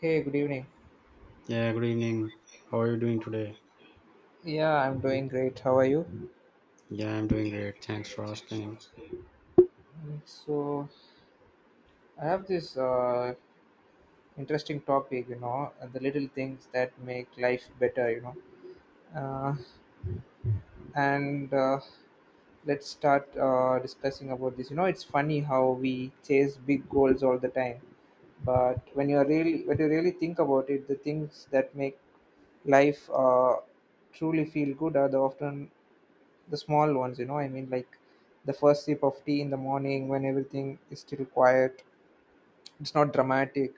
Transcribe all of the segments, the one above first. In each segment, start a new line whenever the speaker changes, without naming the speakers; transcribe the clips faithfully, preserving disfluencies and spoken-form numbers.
Hey, good evening.
Yeah, good evening. How are you doing today?
Yeah, I'm doing great. How are you?
Yeah, I'm doing great. Thanks for asking.
Mm, So, I have this uh, interesting topic, you know, uh, the little things that make life better, you know. Uh, and uh, Let's start uh, discussing about this. You know, it's funny how we chase big goals all the time, but when you are really when you really think about it, the things that make life uh, truly feel good are the often the small ones you know i mean like the first sip of tea in the morning when everything is still quiet. It's not dramatic,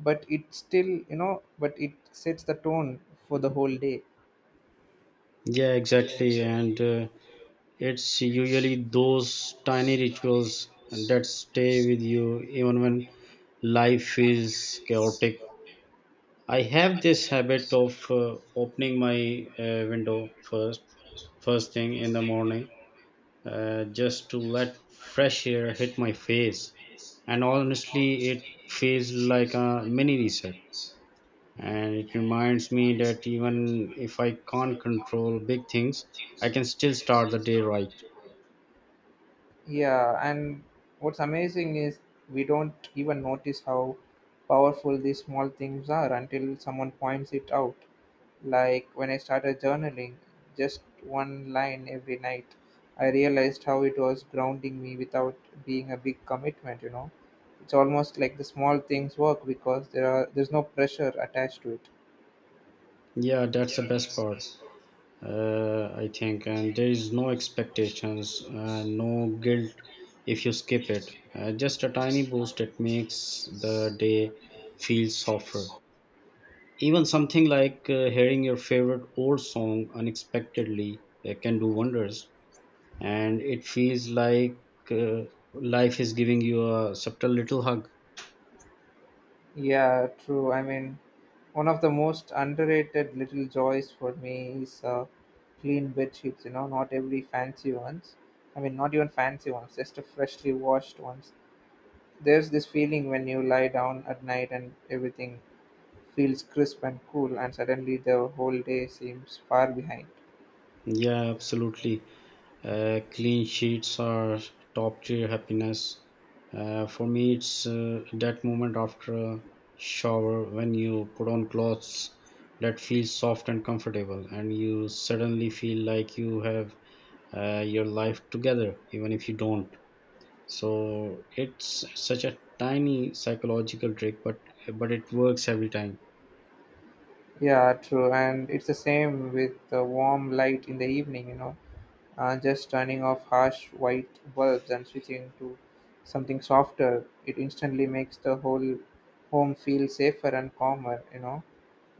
but it still, you know, but it sets the tone for the whole day.
Yeah, exactly. And uh, it's usually those tiny rituals that stay with you even when life is chaotic. I have this habit of uh, opening my uh, window first, first thing in the morning, uh, just to let fresh air hit my face. And honestly, it feels like a mini reset and it reminds me that even if I can't control big things, I can still start the day right.
Yeah, and what's amazing is we don't even notice how powerful these small things are until someone points it out. Like when I started journaling, just one line every night, I realized how it was grounding me without being a big commitment, you know. It's almost like the small things work because there are there's no pressure attached to it.
Yeah, that's the best part, uh, I think. And there is no expectations, uh, no guilt if you skip it. Uh, just a tiny boost that makes the day feel softer. Even something like uh, hearing your favorite old song unexpectedly uh, can do wonders. And it feels like uh, life is giving you a subtle little hug.
Yeah, true. I mean, one of the most underrated little joys for me is uh, clean bed sheets. You know, not every fancy ones. I mean, not even fancy ones, just a freshly washed ones. There's this feeling when you lie down at night and everything feels crisp and cool, and suddenly the whole day seems far behind.
Yeah, absolutely. Uh, clean sheets are top tier happiness. Uh, for me, it's uh, that moment after a shower when you put on clothes that feel soft and comfortable, and you suddenly feel like you have uh, your life together, even if you don't. So it's such a tiny psychological trick, but but it works every time.
Yeah, true. And it's the same with the warm light in the evening, you know. Uh, just turning off harsh white bulbs and switching to something softer, it instantly makes the whole home feel safer and calmer, you know,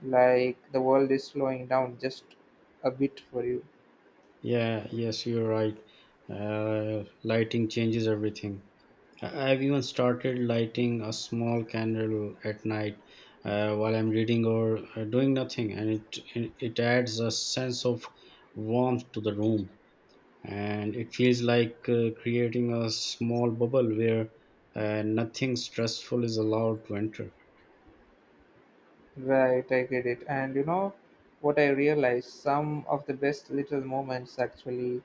like the world is slowing down just a bit for you.
Yeah, yes, you're right. Uh, lighting changes everything. I- I've even started lighting a small candle at night uh, while I'm reading or uh, doing nothing, and it, it it adds a sense of warmth to the room, and it feels like uh, creating a small bubble where uh, nothing stressful is allowed to enter.
Right, I get it. And you know what I realized? Some of the best little moments actually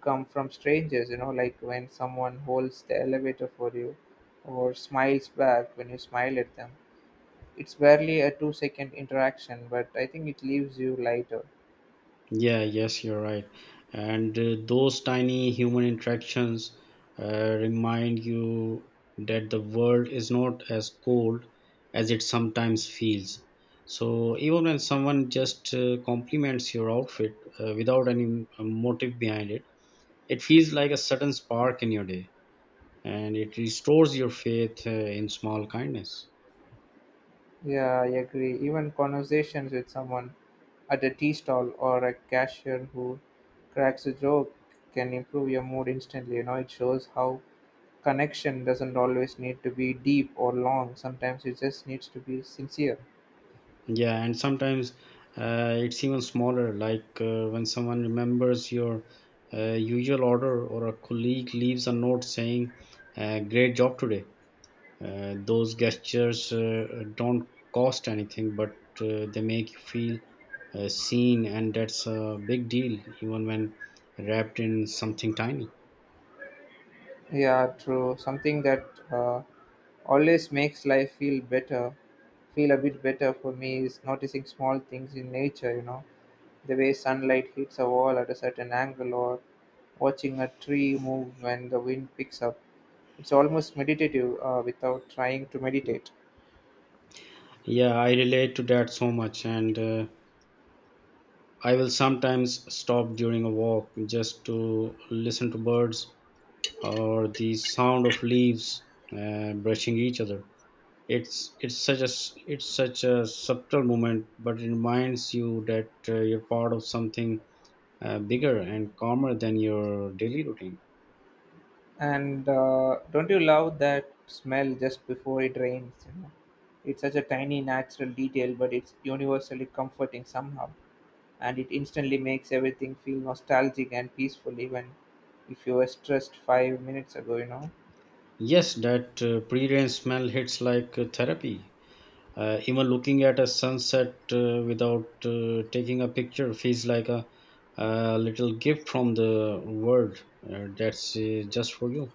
come from strangers, you know, like when someone holds the elevator for you or smiles back when you smile at them. It's barely a two second interaction, but I think it leaves you lighter.
Yeah, yes, you're right. And uh, those tiny human interactions uh, remind you that the world is not as cold as it sometimes feels. So, even when someone just uh, compliments your outfit uh, without any uh, motive behind it, it feels like a sudden spark in your day and it restores your faith uh, in small kindness.
Yeah, I agree. Even conversations with someone at a tea stall or a cashier who cracks a joke can improve your mood instantly. You know, it shows how connection doesn't always need to be deep or long. Sometimes it just needs to be sincere.
Yeah, and sometimes uh, it's even smaller, like uh, when someone remembers your uh, usual order or a colleague leaves a note saying, uh, great job today. Uh, those gestures uh, don't cost anything, but uh, they make you feel uh, seen, and that's a big deal, even when wrapped in something tiny.
Yeah, true. Something that uh, always makes life feel better, feel a bit better for me is noticing small things in nature, you know, the way sunlight hits a wall at a certain angle or watching a tree move when the wind picks up. It's almost meditative uh, without trying to meditate.
Yeah, I relate to that so much, and uh, I will sometimes stop during a walk just to listen to birds or the sound of leaves uh, brushing each other. It's it's such a s- it's such a subtle moment, but it reminds you that uh, you're part of something uh, bigger and calmer than your daily routine.
And uh, don't you love that smell just before it rains? You know? It's such a tiny natural detail, but it's universally comforting somehow. And it instantly makes everything feel nostalgic and peaceful, even if you were stressed five minutes ago, you know.
Yes, that uh, pre-rain smell hits like uh, therapy. Uh, even looking at a sunset uh, without uh, taking a picture feels like a, a little gift from the world uh, that's uh, just for you.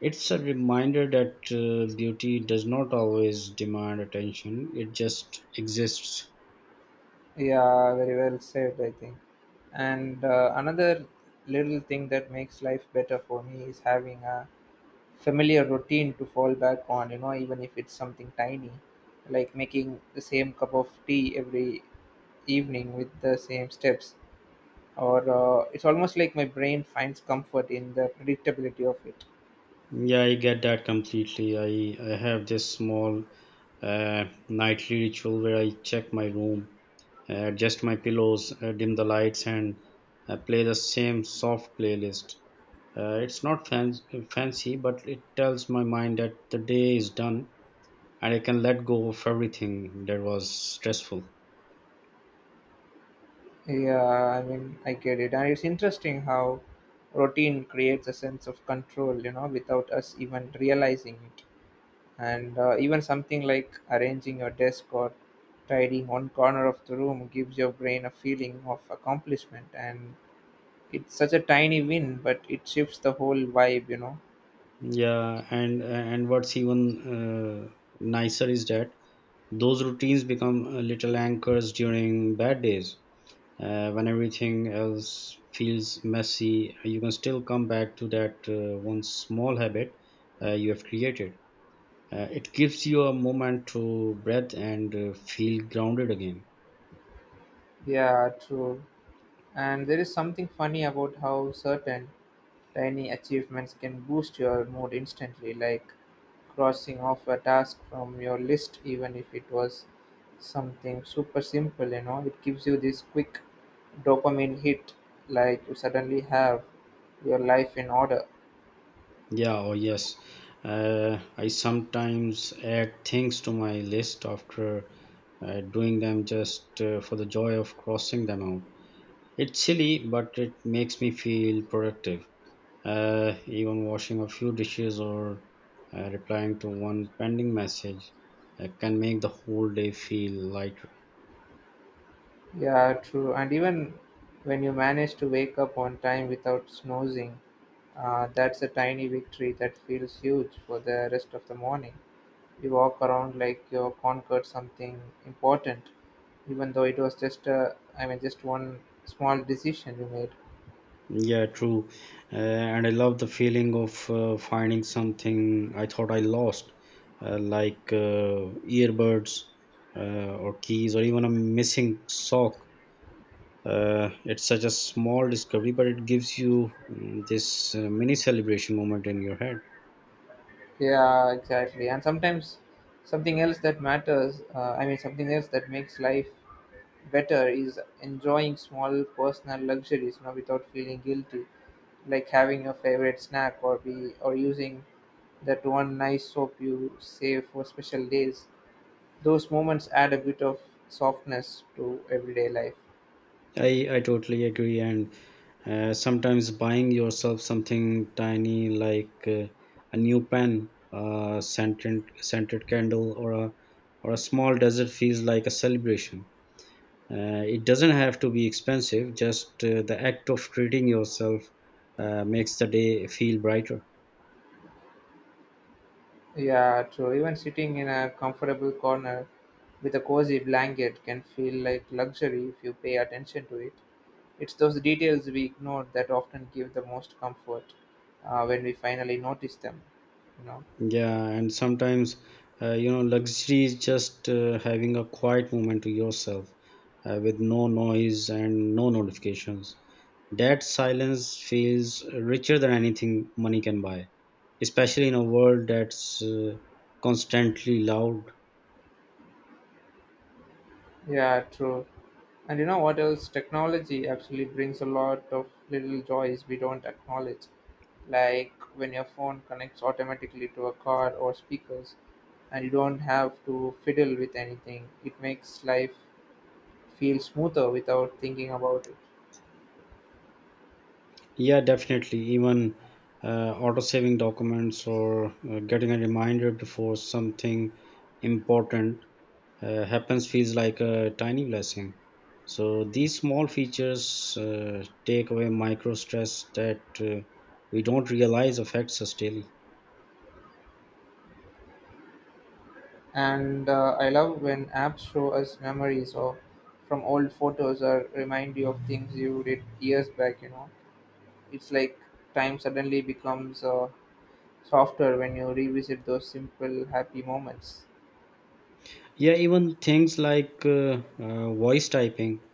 It's a reminder that uh, beauty does not always demand attention, it just exists.
Yeah, very well said, I think. And uh, another little thing that makes life better for me is having a familiar routine to fall back on, you know, even if it's something tiny, like making the same cup of tea every evening with the same steps. Or uh, it's almost like my brain finds comfort in the predictability of it.
Yeah, I get that completely. I, I have this small uh, nightly ritual where I check my room, uh, adjust my pillows, uh, dim the lights, and uh, play the same soft playlist. Uh, it's not fan- fancy, but it tells my mind that the day is done and I can let go of everything that was stressful.
Yeah, I mean, I get it. And it's interesting how routine creates a sense of control, you know, without us even realizing it. And uh, even something like arranging your desk or tidying one corner of the room gives your brain a feeling of accomplishment, and it's such a tiny win, but it shifts the whole vibe, you know.
Yeah, and and what's even uh, nicer is that those routines become uh, little anchors during bad days. Uh, when everything else feels messy, you can still come back to that uh, one small habit uh, you have created. Uh, it gives you a moment to breathe and uh, feel grounded again.
Yeah, true. And there is something funny about how certain tiny achievements can boost your mood instantly, like crossing off a task from your list, even if it was something super simple, you know, it gives you this quick dopamine hit, like you suddenly have your life in order.
Yeah, oh yes. Uh, I sometimes add things to my list after uh, doing them just uh, for the joy of crossing them out. It's silly, but it makes me feel productive. Uh, even washing a few dishes or uh, replying to one pending message uh, can make the whole day feel lighter.
Yeah, true. And even when you manage to wake up on time without snoozing, uh, that's a tiny victory that feels huge for the rest of the morning. You walk around like you conquered something important, even though it was just a, I mean, just one small decision you made.
Yeah, true. Uh, and I love the feeling of uh, finding something I thought I lost, uh, like uh, earbuds uh, or keys or even a missing sock. Uh, it's such a small discovery, but it gives you mm, this uh, mini celebration moment in your head.
Yeah, exactly. And sometimes something else that matters, uh, I mean, something else that makes life better is enjoying small personal luxuries, you know, without feeling guilty, like having your favorite snack or be or using that one nice soap you save for special days. Those moments add a bit of softness to everyday life.
I, I totally agree. And uh, sometimes buying yourself something tiny like uh, a new pen, a scented, scented candle, or a, or a small desert feels like a celebration. Uh, it doesn't have to be expensive, just uh, the act of treating yourself uh, makes the day feel brighter.
Yeah, true. Even sitting in a comfortable corner with a cozy blanket can feel like luxury if you pay attention to it. It's those details we ignore that often give the most comfort uh, when we finally notice them. You know.
Yeah, and sometimes, uh, you know, luxury is just uh, having a quiet moment to yourself uh, with no noise and no notifications. That silence feels richer than anything money can buy, especially in a world that's uh, constantly loud.
Yeah, true. And you know what else? Technology actually brings a lot of little joys we don't acknowledge. Like when your phone connects automatically to a car or speakers and you don't have to fiddle with anything, it makes life feel smoother without thinking about it.
Yeah, definitely. Even uh, auto saving documents or uh, getting a reminder before something important uh, happens feels like a tiny blessing. So these small features uh, take away micro stress that uh, we don't realize affects us daily.
And uh, I love when apps show us memories or from old photos or remind you of things you did years back. You know, it's like time suddenly becomes uh, softer when you revisit those simple happy moments.
Yeah, even things like uh, uh, voice typing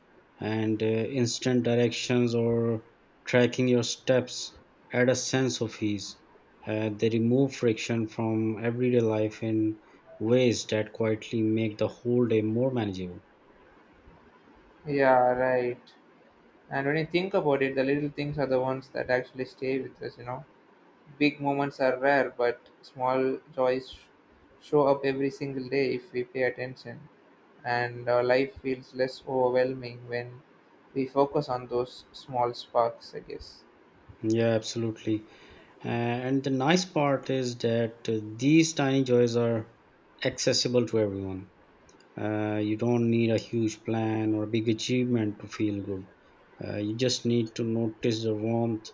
and uh, instant directions or tracking your steps add a sense of ease. Uh, they remove friction from everyday life in ways that quietly make the whole day more manageable.
Yeah, right. And when you think about it, the little things are the ones that actually stay with us. You know, big moments are rare, but small joys sh- show up every single day if we pay attention. And uh, life feels less overwhelming when we focus on those small sparks, I guess.
Yeah, absolutely. Uh, and the nice part is that uh, these tiny joys are accessible to everyone. Uh, you don't need a huge plan or a big achievement to feel good. Uh, you just need to notice the warmth,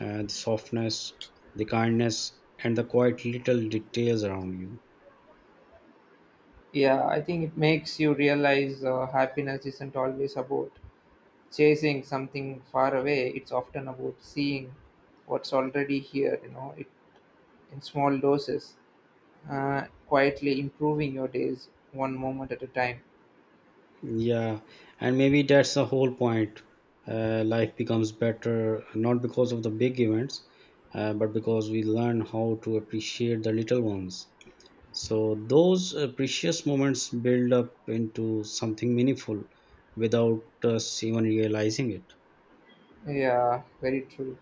uh, the softness, the kindness, and the quiet little details around you.
Yeah, I think it makes you realize uh, happiness isn't always about chasing something far away, it's often about seeing what's already here, you know, it, in small doses, uh, quietly improving your days one moment at a time.
Yeah, and maybe that's the whole point. Uh, life becomes better not because of the big events, uh, but because we learn how to appreciate the little ones. So those uh, precious moments build up into something meaningful without us even realizing it.
Yeah, very true.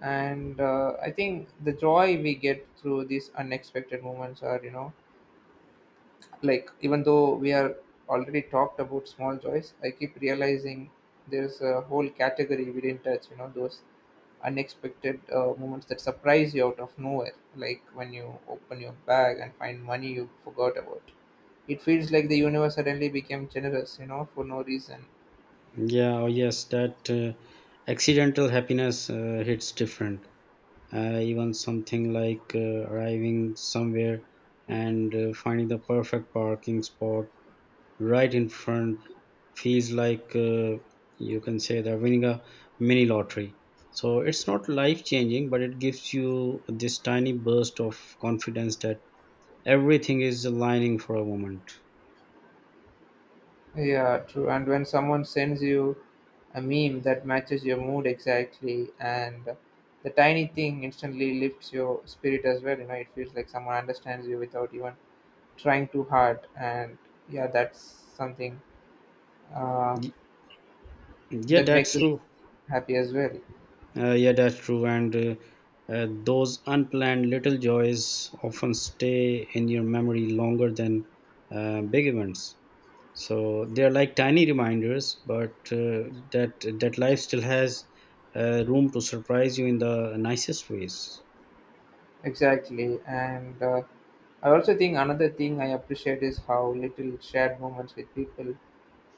And uh, I think the joy we get through these unexpected moments are, you know, like even though we are already talked about small joys, I keep realizing there's a whole category we didn't touch, you know, those unexpected uh, moments that surprise you out of nowhere, like when you open your bag and find money you forgot about. It feels like the universe suddenly became generous, you know, for no reason.
Yeah, oh yes, that uh, accidental happiness uh, hits different. Uh, even something like uh, arriving somewhere and uh, finding the perfect parking spot right in front feels like uh, you can say they're winning a mini lottery. So it's not life changing, but it gives you this tiny burst of confidence that everything is aligning for a moment.
Yeah, true. And when someone sends you a meme that matches your mood exactly, and the tiny thing instantly lifts your spirit as well, you know, it feels like someone understands you without even trying too hard. And yeah, that's something uh,
Y- yeah
that makes
that's
us
true
happy as well.
uh, yeah that's true and uh, uh, those unplanned little joys often stay in your memory longer than uh, big events, so they're like tiny reminders but uh, that that life still has uh, room to surprise you in the nicest ways.
Exactly. And uh, I also think another thing I appreciate is how little shared moments with people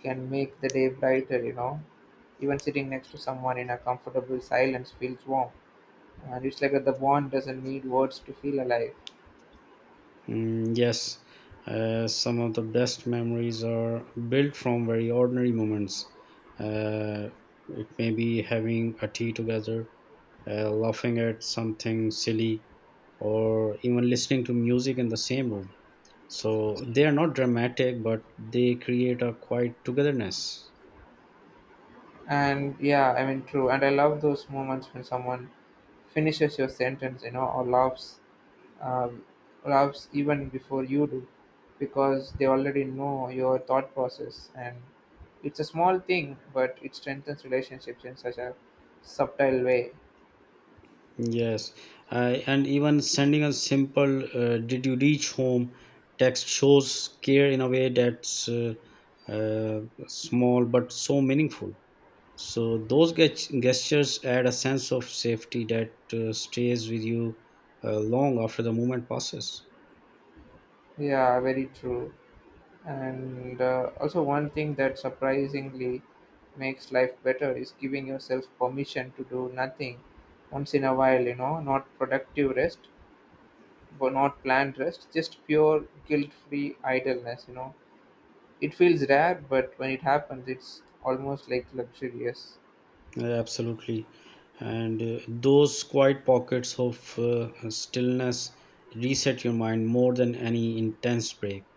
can make the day brighter, you know. Even sitting next to someone in a comfortable silence feels warm. And it's like that the bond doesn't need words to feel alive.
Mm, yes, uh, some of the best memories are built from very ordinary moments. Uh, it may be having a tea together, uh, laughing at something silly, or even listening to music in the same room. So they are not dramatic, but they create a quiet togetherness.
And yeah, I mean, true. And I love those moments when someone finishes your sentence, you know, or laughs, um, laughs even before you do, because they already know your thought process. And it's a small thing, but it strengthens relationships in such a subtle way.
Yes, uh, and even sending a simple uh, "Did you reach home?" text shows care in a way that's uh, uh, small but so meaningful. So those gest- gestures add a sense of safety that uh, stays with you uh, long after the moment passes.
Yeah, very true. And uh, also, one thing that surprisingly makes life better is giving yourself permission to do nothing once in a while, you know, not productive rest, but not planned rest, just pure guilt free idleness, you know. It feels rare, but when it happens, it's almost like luxurious.
Yeah, absolutely, and uh, those quiet pockets of uh, stillness reset your mind more than any intense break.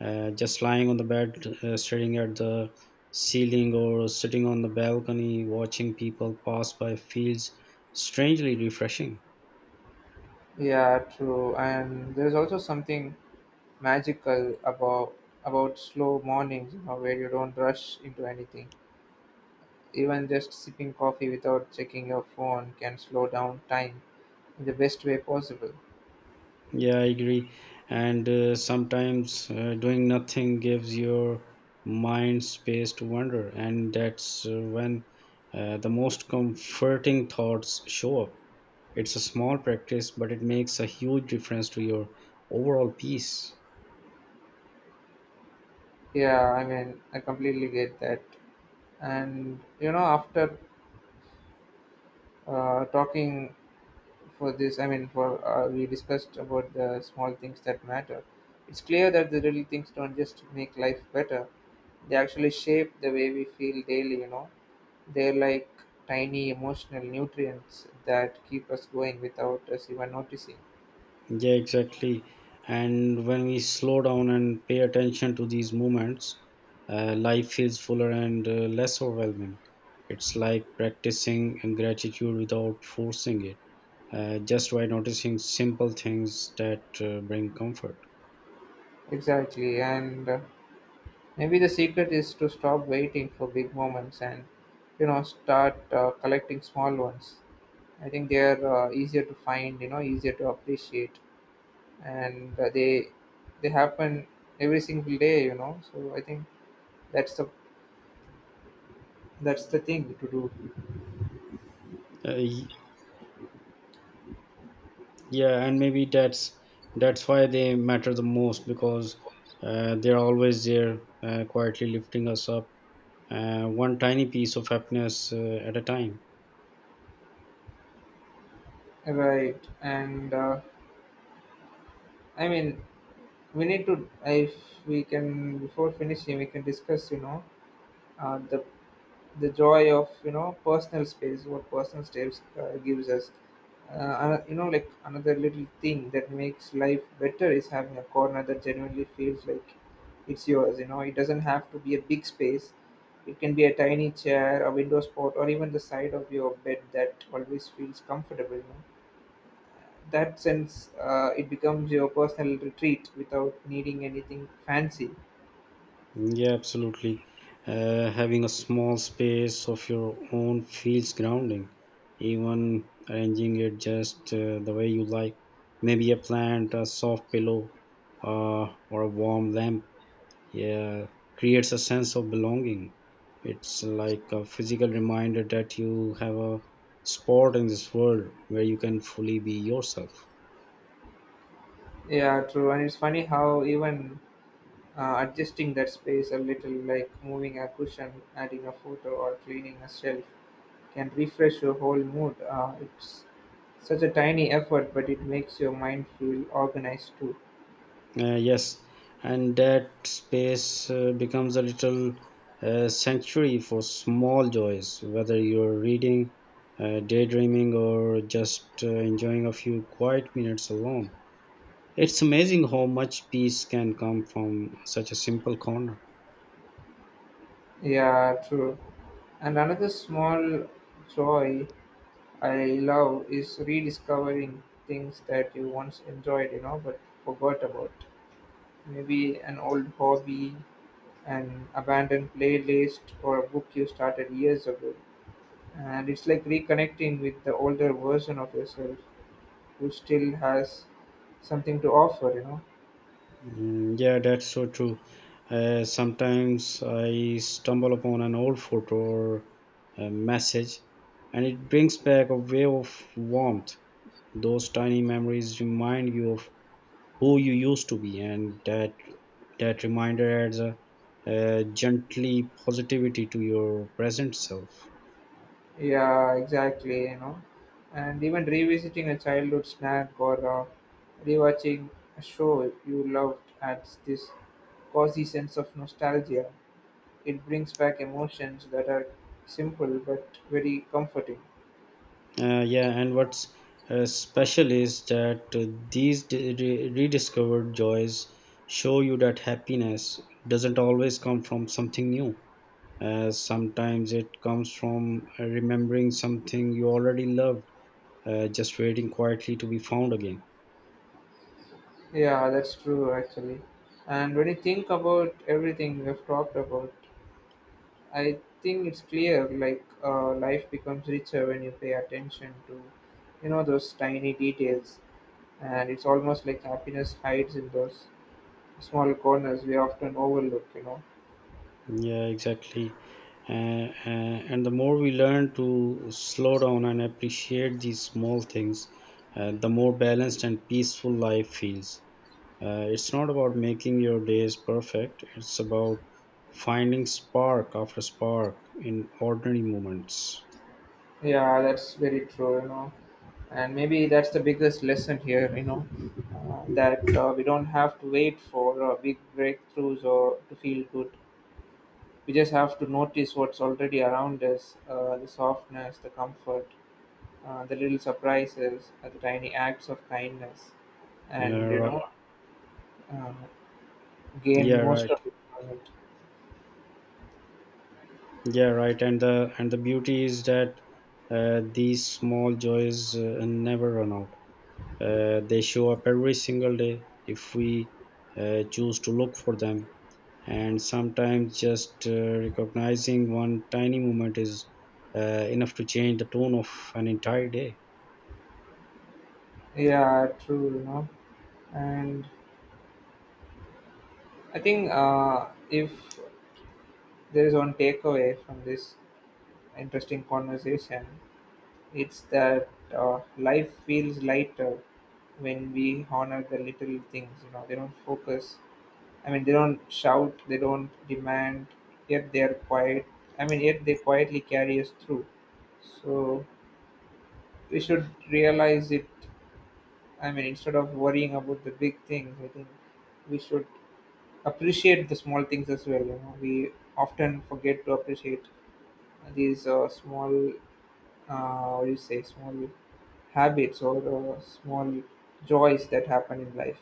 Uh, just lying on the bed, uh, staring at the ceiling, or sitting on the balcony, watching people pass by feels strangely refreshing.
Yeah, true. And there's also something magical about about slow mornings, you know, where you don't rush into anything. Even just sipping coffee without checking your phone can slow down time in the best way possible.
Yeah, I agree. And uh, sometimes uh, doing nothing gives your mind space to wander, and that's uh, when uh, the most comforting thoughts show up. It's a small practice, but it makes a huge difference to your overall peace.
Yeah, I mean, I completely get that. And you know, after uh, talking for this, I mean, for uh, we discussed about the small things that matter. It's clear that the little things don't just make life better; they actually shape the way we feel daily. You know, they're like tiny emotional nutrients that keep us going without us even noticing.
Yeah, exactly. And when we slow down and pay attention to these moments, uh, life feels fuller and uh, less overwhelming. It's like practicing gratitude without forcing it, uh, just by noticing simple things that uh, bring comfort.
Exactly, and. Uh, maybe the secret is to stop waiting for big moments and, you know, start uh, collecting small ones. I think they are uh, easier to find, you know, easier to appreciate, and uh, they they happen every single day, you know. So I think that's the that's the thing to do,
Uh, y- yeah, and maybe that's that's why they matter the most because uh, they're always there, uh, quietly lifting us up, uh, one tiny piece of happiness uh, at a time.
right? And uh, I mean, we need to if we can before finishing, we can discuss, you know, uh, the the joy of you know personal space. What personal space uh, gives us. uh, ano- you know like Another little thing that makes life better is having a corner that genuinely feels like it's yours, you know. It doesn't have to be a big space, it can be a tiny chair, a window spot, or even the side of your bed that always feels comfortable, you know. That sense, uh, it becomes your personal retreat without needing anything fancy.
Yeah, absolutely. Uh, having a small space of your own feels grounding. Even arranging it just uh, the way you like. Maybe a plant, a soft pillow, uh, or a warm lamp. Yeah, creates a sense of belonging. It's like a physical reminder that you have a spot in this world where you can fully be yourself.
Yeah, true. And it's funny how even uh, adjusting that space a little, like moving a cushion, adding a photo, or cleaning a shelf, can refresh your whole mood. Uh, it's such a tiny effort, but it makes your mind feel organized too.
Uh, yes, and that space uh, becomes a little uh, sanctuary for small joys, whether you're reading, uh, daydreaming, or just uh, enjoying a few quiet minutes alone. It's amazing how much peace can come from such a simple corner.
Yeah, true. And another small joy I love is rediscovering things that you once enjoyed, you know, but forgot about. Maybe an old hobby, an abandoned playlist, or a book you started years ago. And it's like reconnecting with the older version of yourself, who still has something to offer, you know.
Mm, yeah, that's so true. Uh, sometimes I stumble upon an old photo or a message, and it brings back a wave of warmth. Those tiny memories remind you of who you used to be, and that that reminder adds a, uh gently positivity to your present self.
Yeah, exactly, you know. And even revisiting a childhood snack or uh, rewatching a show you loved adds this cozy sense of nostalgia. It brings back emotions that are simple but very comforting.
Uh, yeah, and what's uh, special is that uh, these d- re- rediscovered joys show you that happiness doesn't always come from something new. Uh, sometimes it comes from uh, remembering something you already loved, uh, just waiting quietly to be found again.
Yeah, that's true actually. And when you think about everything we've talked about, I think it's clear, like uh, life becomes richer when you pay attention to, you know, those tiny details. And it's almost like happiness hides in those small corners we often overlook, you know.
Yeah, exactly. and, and the more we learn to slow down and appreciate these small things, uh, the more balanced and peaceful life feels. Uh, it's not about making your days perfect, it's about finding spark after spark in ordinary moments.
Yeah, that's very true, you know. And maybe that's the biggest lesson here, you know uh, that uh, we don't have to wait for uh, big breakthroughs or to feel good. We just have to notice what's already around us. Uh, the softness, the comfort, uh, the little surprises, uh, the tiny acts of kindness,
yeah
and you
right
know, yeah. Uh, gain
yeah
most
right
of it from it.
yeah right and the and the beauty is that uh, these small joys uh, never run out. Uh, they show up every single day if we uh, choose to look for them, and sometimes just uh, recognizing one tiny moment is uh, enough to change the tone of an entire day.
Yeah, true, you know. And I think uh, if there is one takeaway from this interesting conversation, it's that uh, life feels lighter when we honor the little things, you know. They don't focus I mean, they don't shout, they don't demand, yet they are quiet. I mean, yet they quietly carry us through. So we should realize it. I mean, instead of worrying about the big things, I think we should appreciate the small things as well. You know, we often forget to appreciate these uh, small, uh, what do you say, small habits, or uh, small joys that happen in life.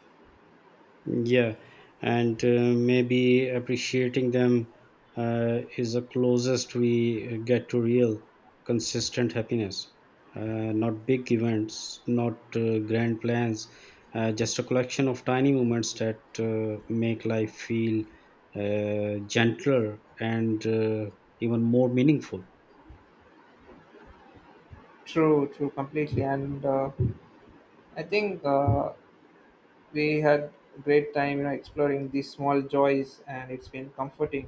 Yeah, and uh, maybe appreciating them uh, is the closest we get to real consistent happiness, uh, not big events, not uh, grand plans, uh, just a collection of tiny moments that uh, make life feel uh, gentler and uh, even more meaningful.
True, true, completely. And uh, I think uh, we had a great time, you know, exploring these small joys. And it's been comforting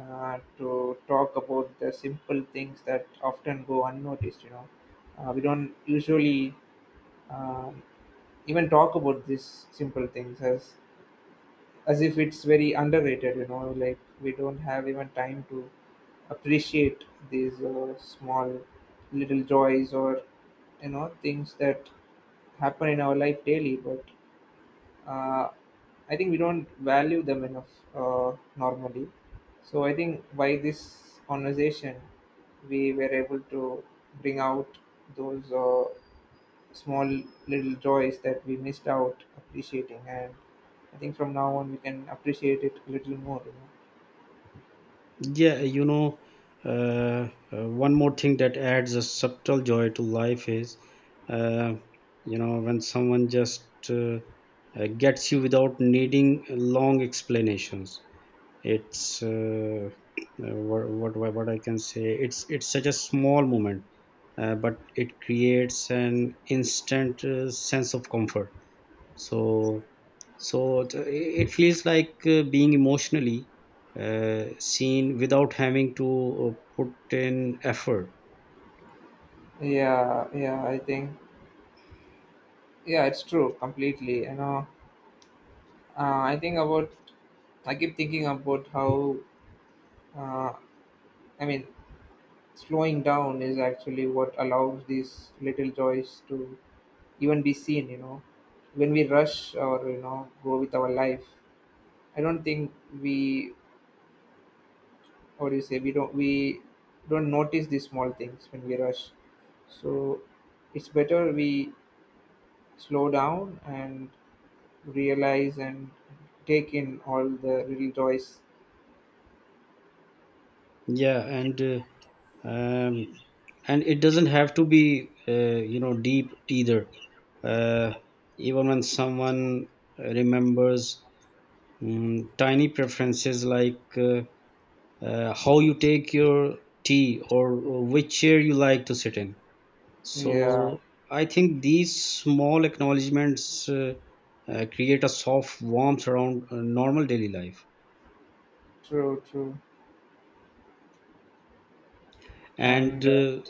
uh, to talk about the simple things that often go unnoticed, you know. Uh, we don't usually um, even talk about these simple things, as as if it's very underrated, you know. Like we don't have even time to appreciate these uh, small little joys, or you know, things that happen in our life daily. But uh, I think we don't value them enough uh, normally. So I think by this conversation, we were able to bring out those uh, small little joys that we missed out appreciating, and I think from now on we can appreciate it a little more. You know?
Yeah, you know, uh, uh, one more thing that adds a subtle joy to life is, uh, you know, when someone just uh, uh, gets you without needing long explanations. It's uh, uh, what, what what what I can say. It's it's such a small moment, uh, but it creates an instant uh, sense of comfort. So, so th- it feels like uh, being emotionally uh, seen without having to uh, put in effort.
Yeah, yeah, I think yeah, it's true completely. You know, uh, I think about I keep thinking about how uh, I mean, slowing down is actually what allows these little joys to even be seen, you know. When we rush, or you know, go with our life, I don't think we what do you say we don't we don't notice these small things when we rush. So it's better we slow down and realize and take in all the little joys.
Yeah, and uh, um, and it doesn't have to be uh, you know deep either. Uh, even when someone remembers mm, tiny preferences like uh, uh, how you take your tea or, or which chair you like to sit in.
Yeah,
So I think these small acknowledgments uh, uh, create a soft warmth around uh, normal daily life,
true, true.
and
And uh,
uh,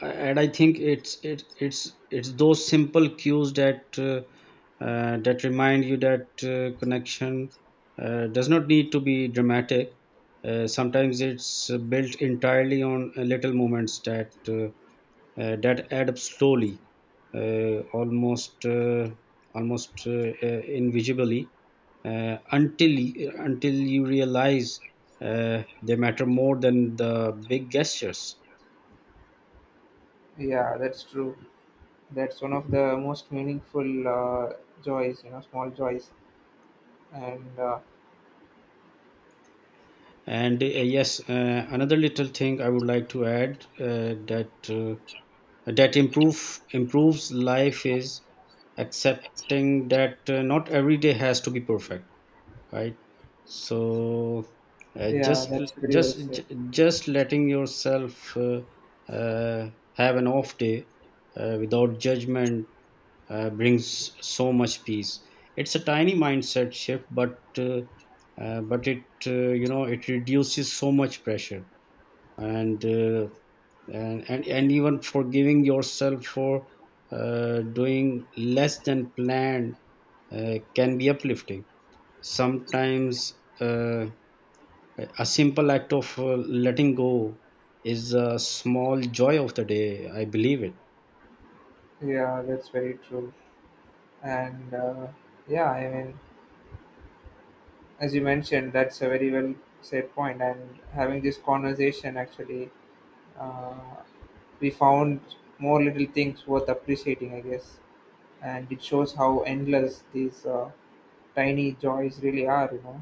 and I think it's it, it's it's those simple cues that uh, uh, that remind you that uh, connection uh, does not need to be dramatic. Uh, sometimes it's uh, built entirely on uh, little moments that uh, uh, that add up slowly, uh, almost uh, almost uh, uh, invisibly, uh, until until you realize uh, they matter more than the big gestures.
yeah That's true. That's one of the most meaningful uh, joys, you know, small joys. And uh,
And uh, yes, uh, another little thing I would like to add uh, that uh, that improve improves life is accepting that uh, not every day has to be perfect, right? So uh,
yeah,
just
that's very well
just
said.
j- just letting yourself uh, uh, have an off day uh, without judgment uh, brings so much peace. It's a tiny mindset shift, but uh, uh, but it uh, you know, it reduces so much pressure, and uh, and, and and even forgiving yourself for uh, doing less than planned uh, can be uplifting. Sometimes uh, a simple act of uh, letting go is a small joy of the day. I believe it.
Yeah, that's very true. And uh, yeah, I mean, as you mentioned, that's a very well said point. And having this conversation, actually, uh, we found more little things worth appreciating, I guess. And it shows how endless these uh, tiny joys really are, you know.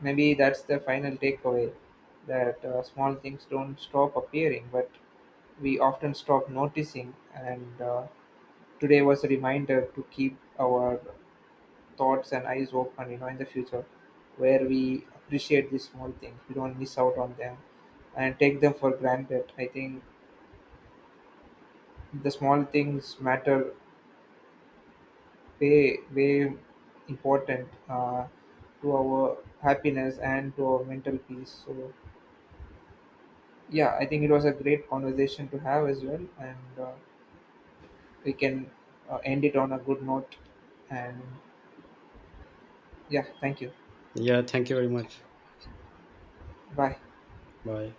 Maybe that's the final takeaway, that uh, small things don't stop appearing, but we often stop noticing. And uh, today was a reminder to keep our thoughts and eyes open, you know, in the future, where we appreciate these small things, we don't miss out on them and take them for granted. I think the small things matter way, way important uh, to our happiness and to our mental peace. So yeah, I think it was a great conversation to have as well, and uh, we can uh, end it on a good note. And yeah, thank you.
Yeah, thank you very much.
Bye.
Bye.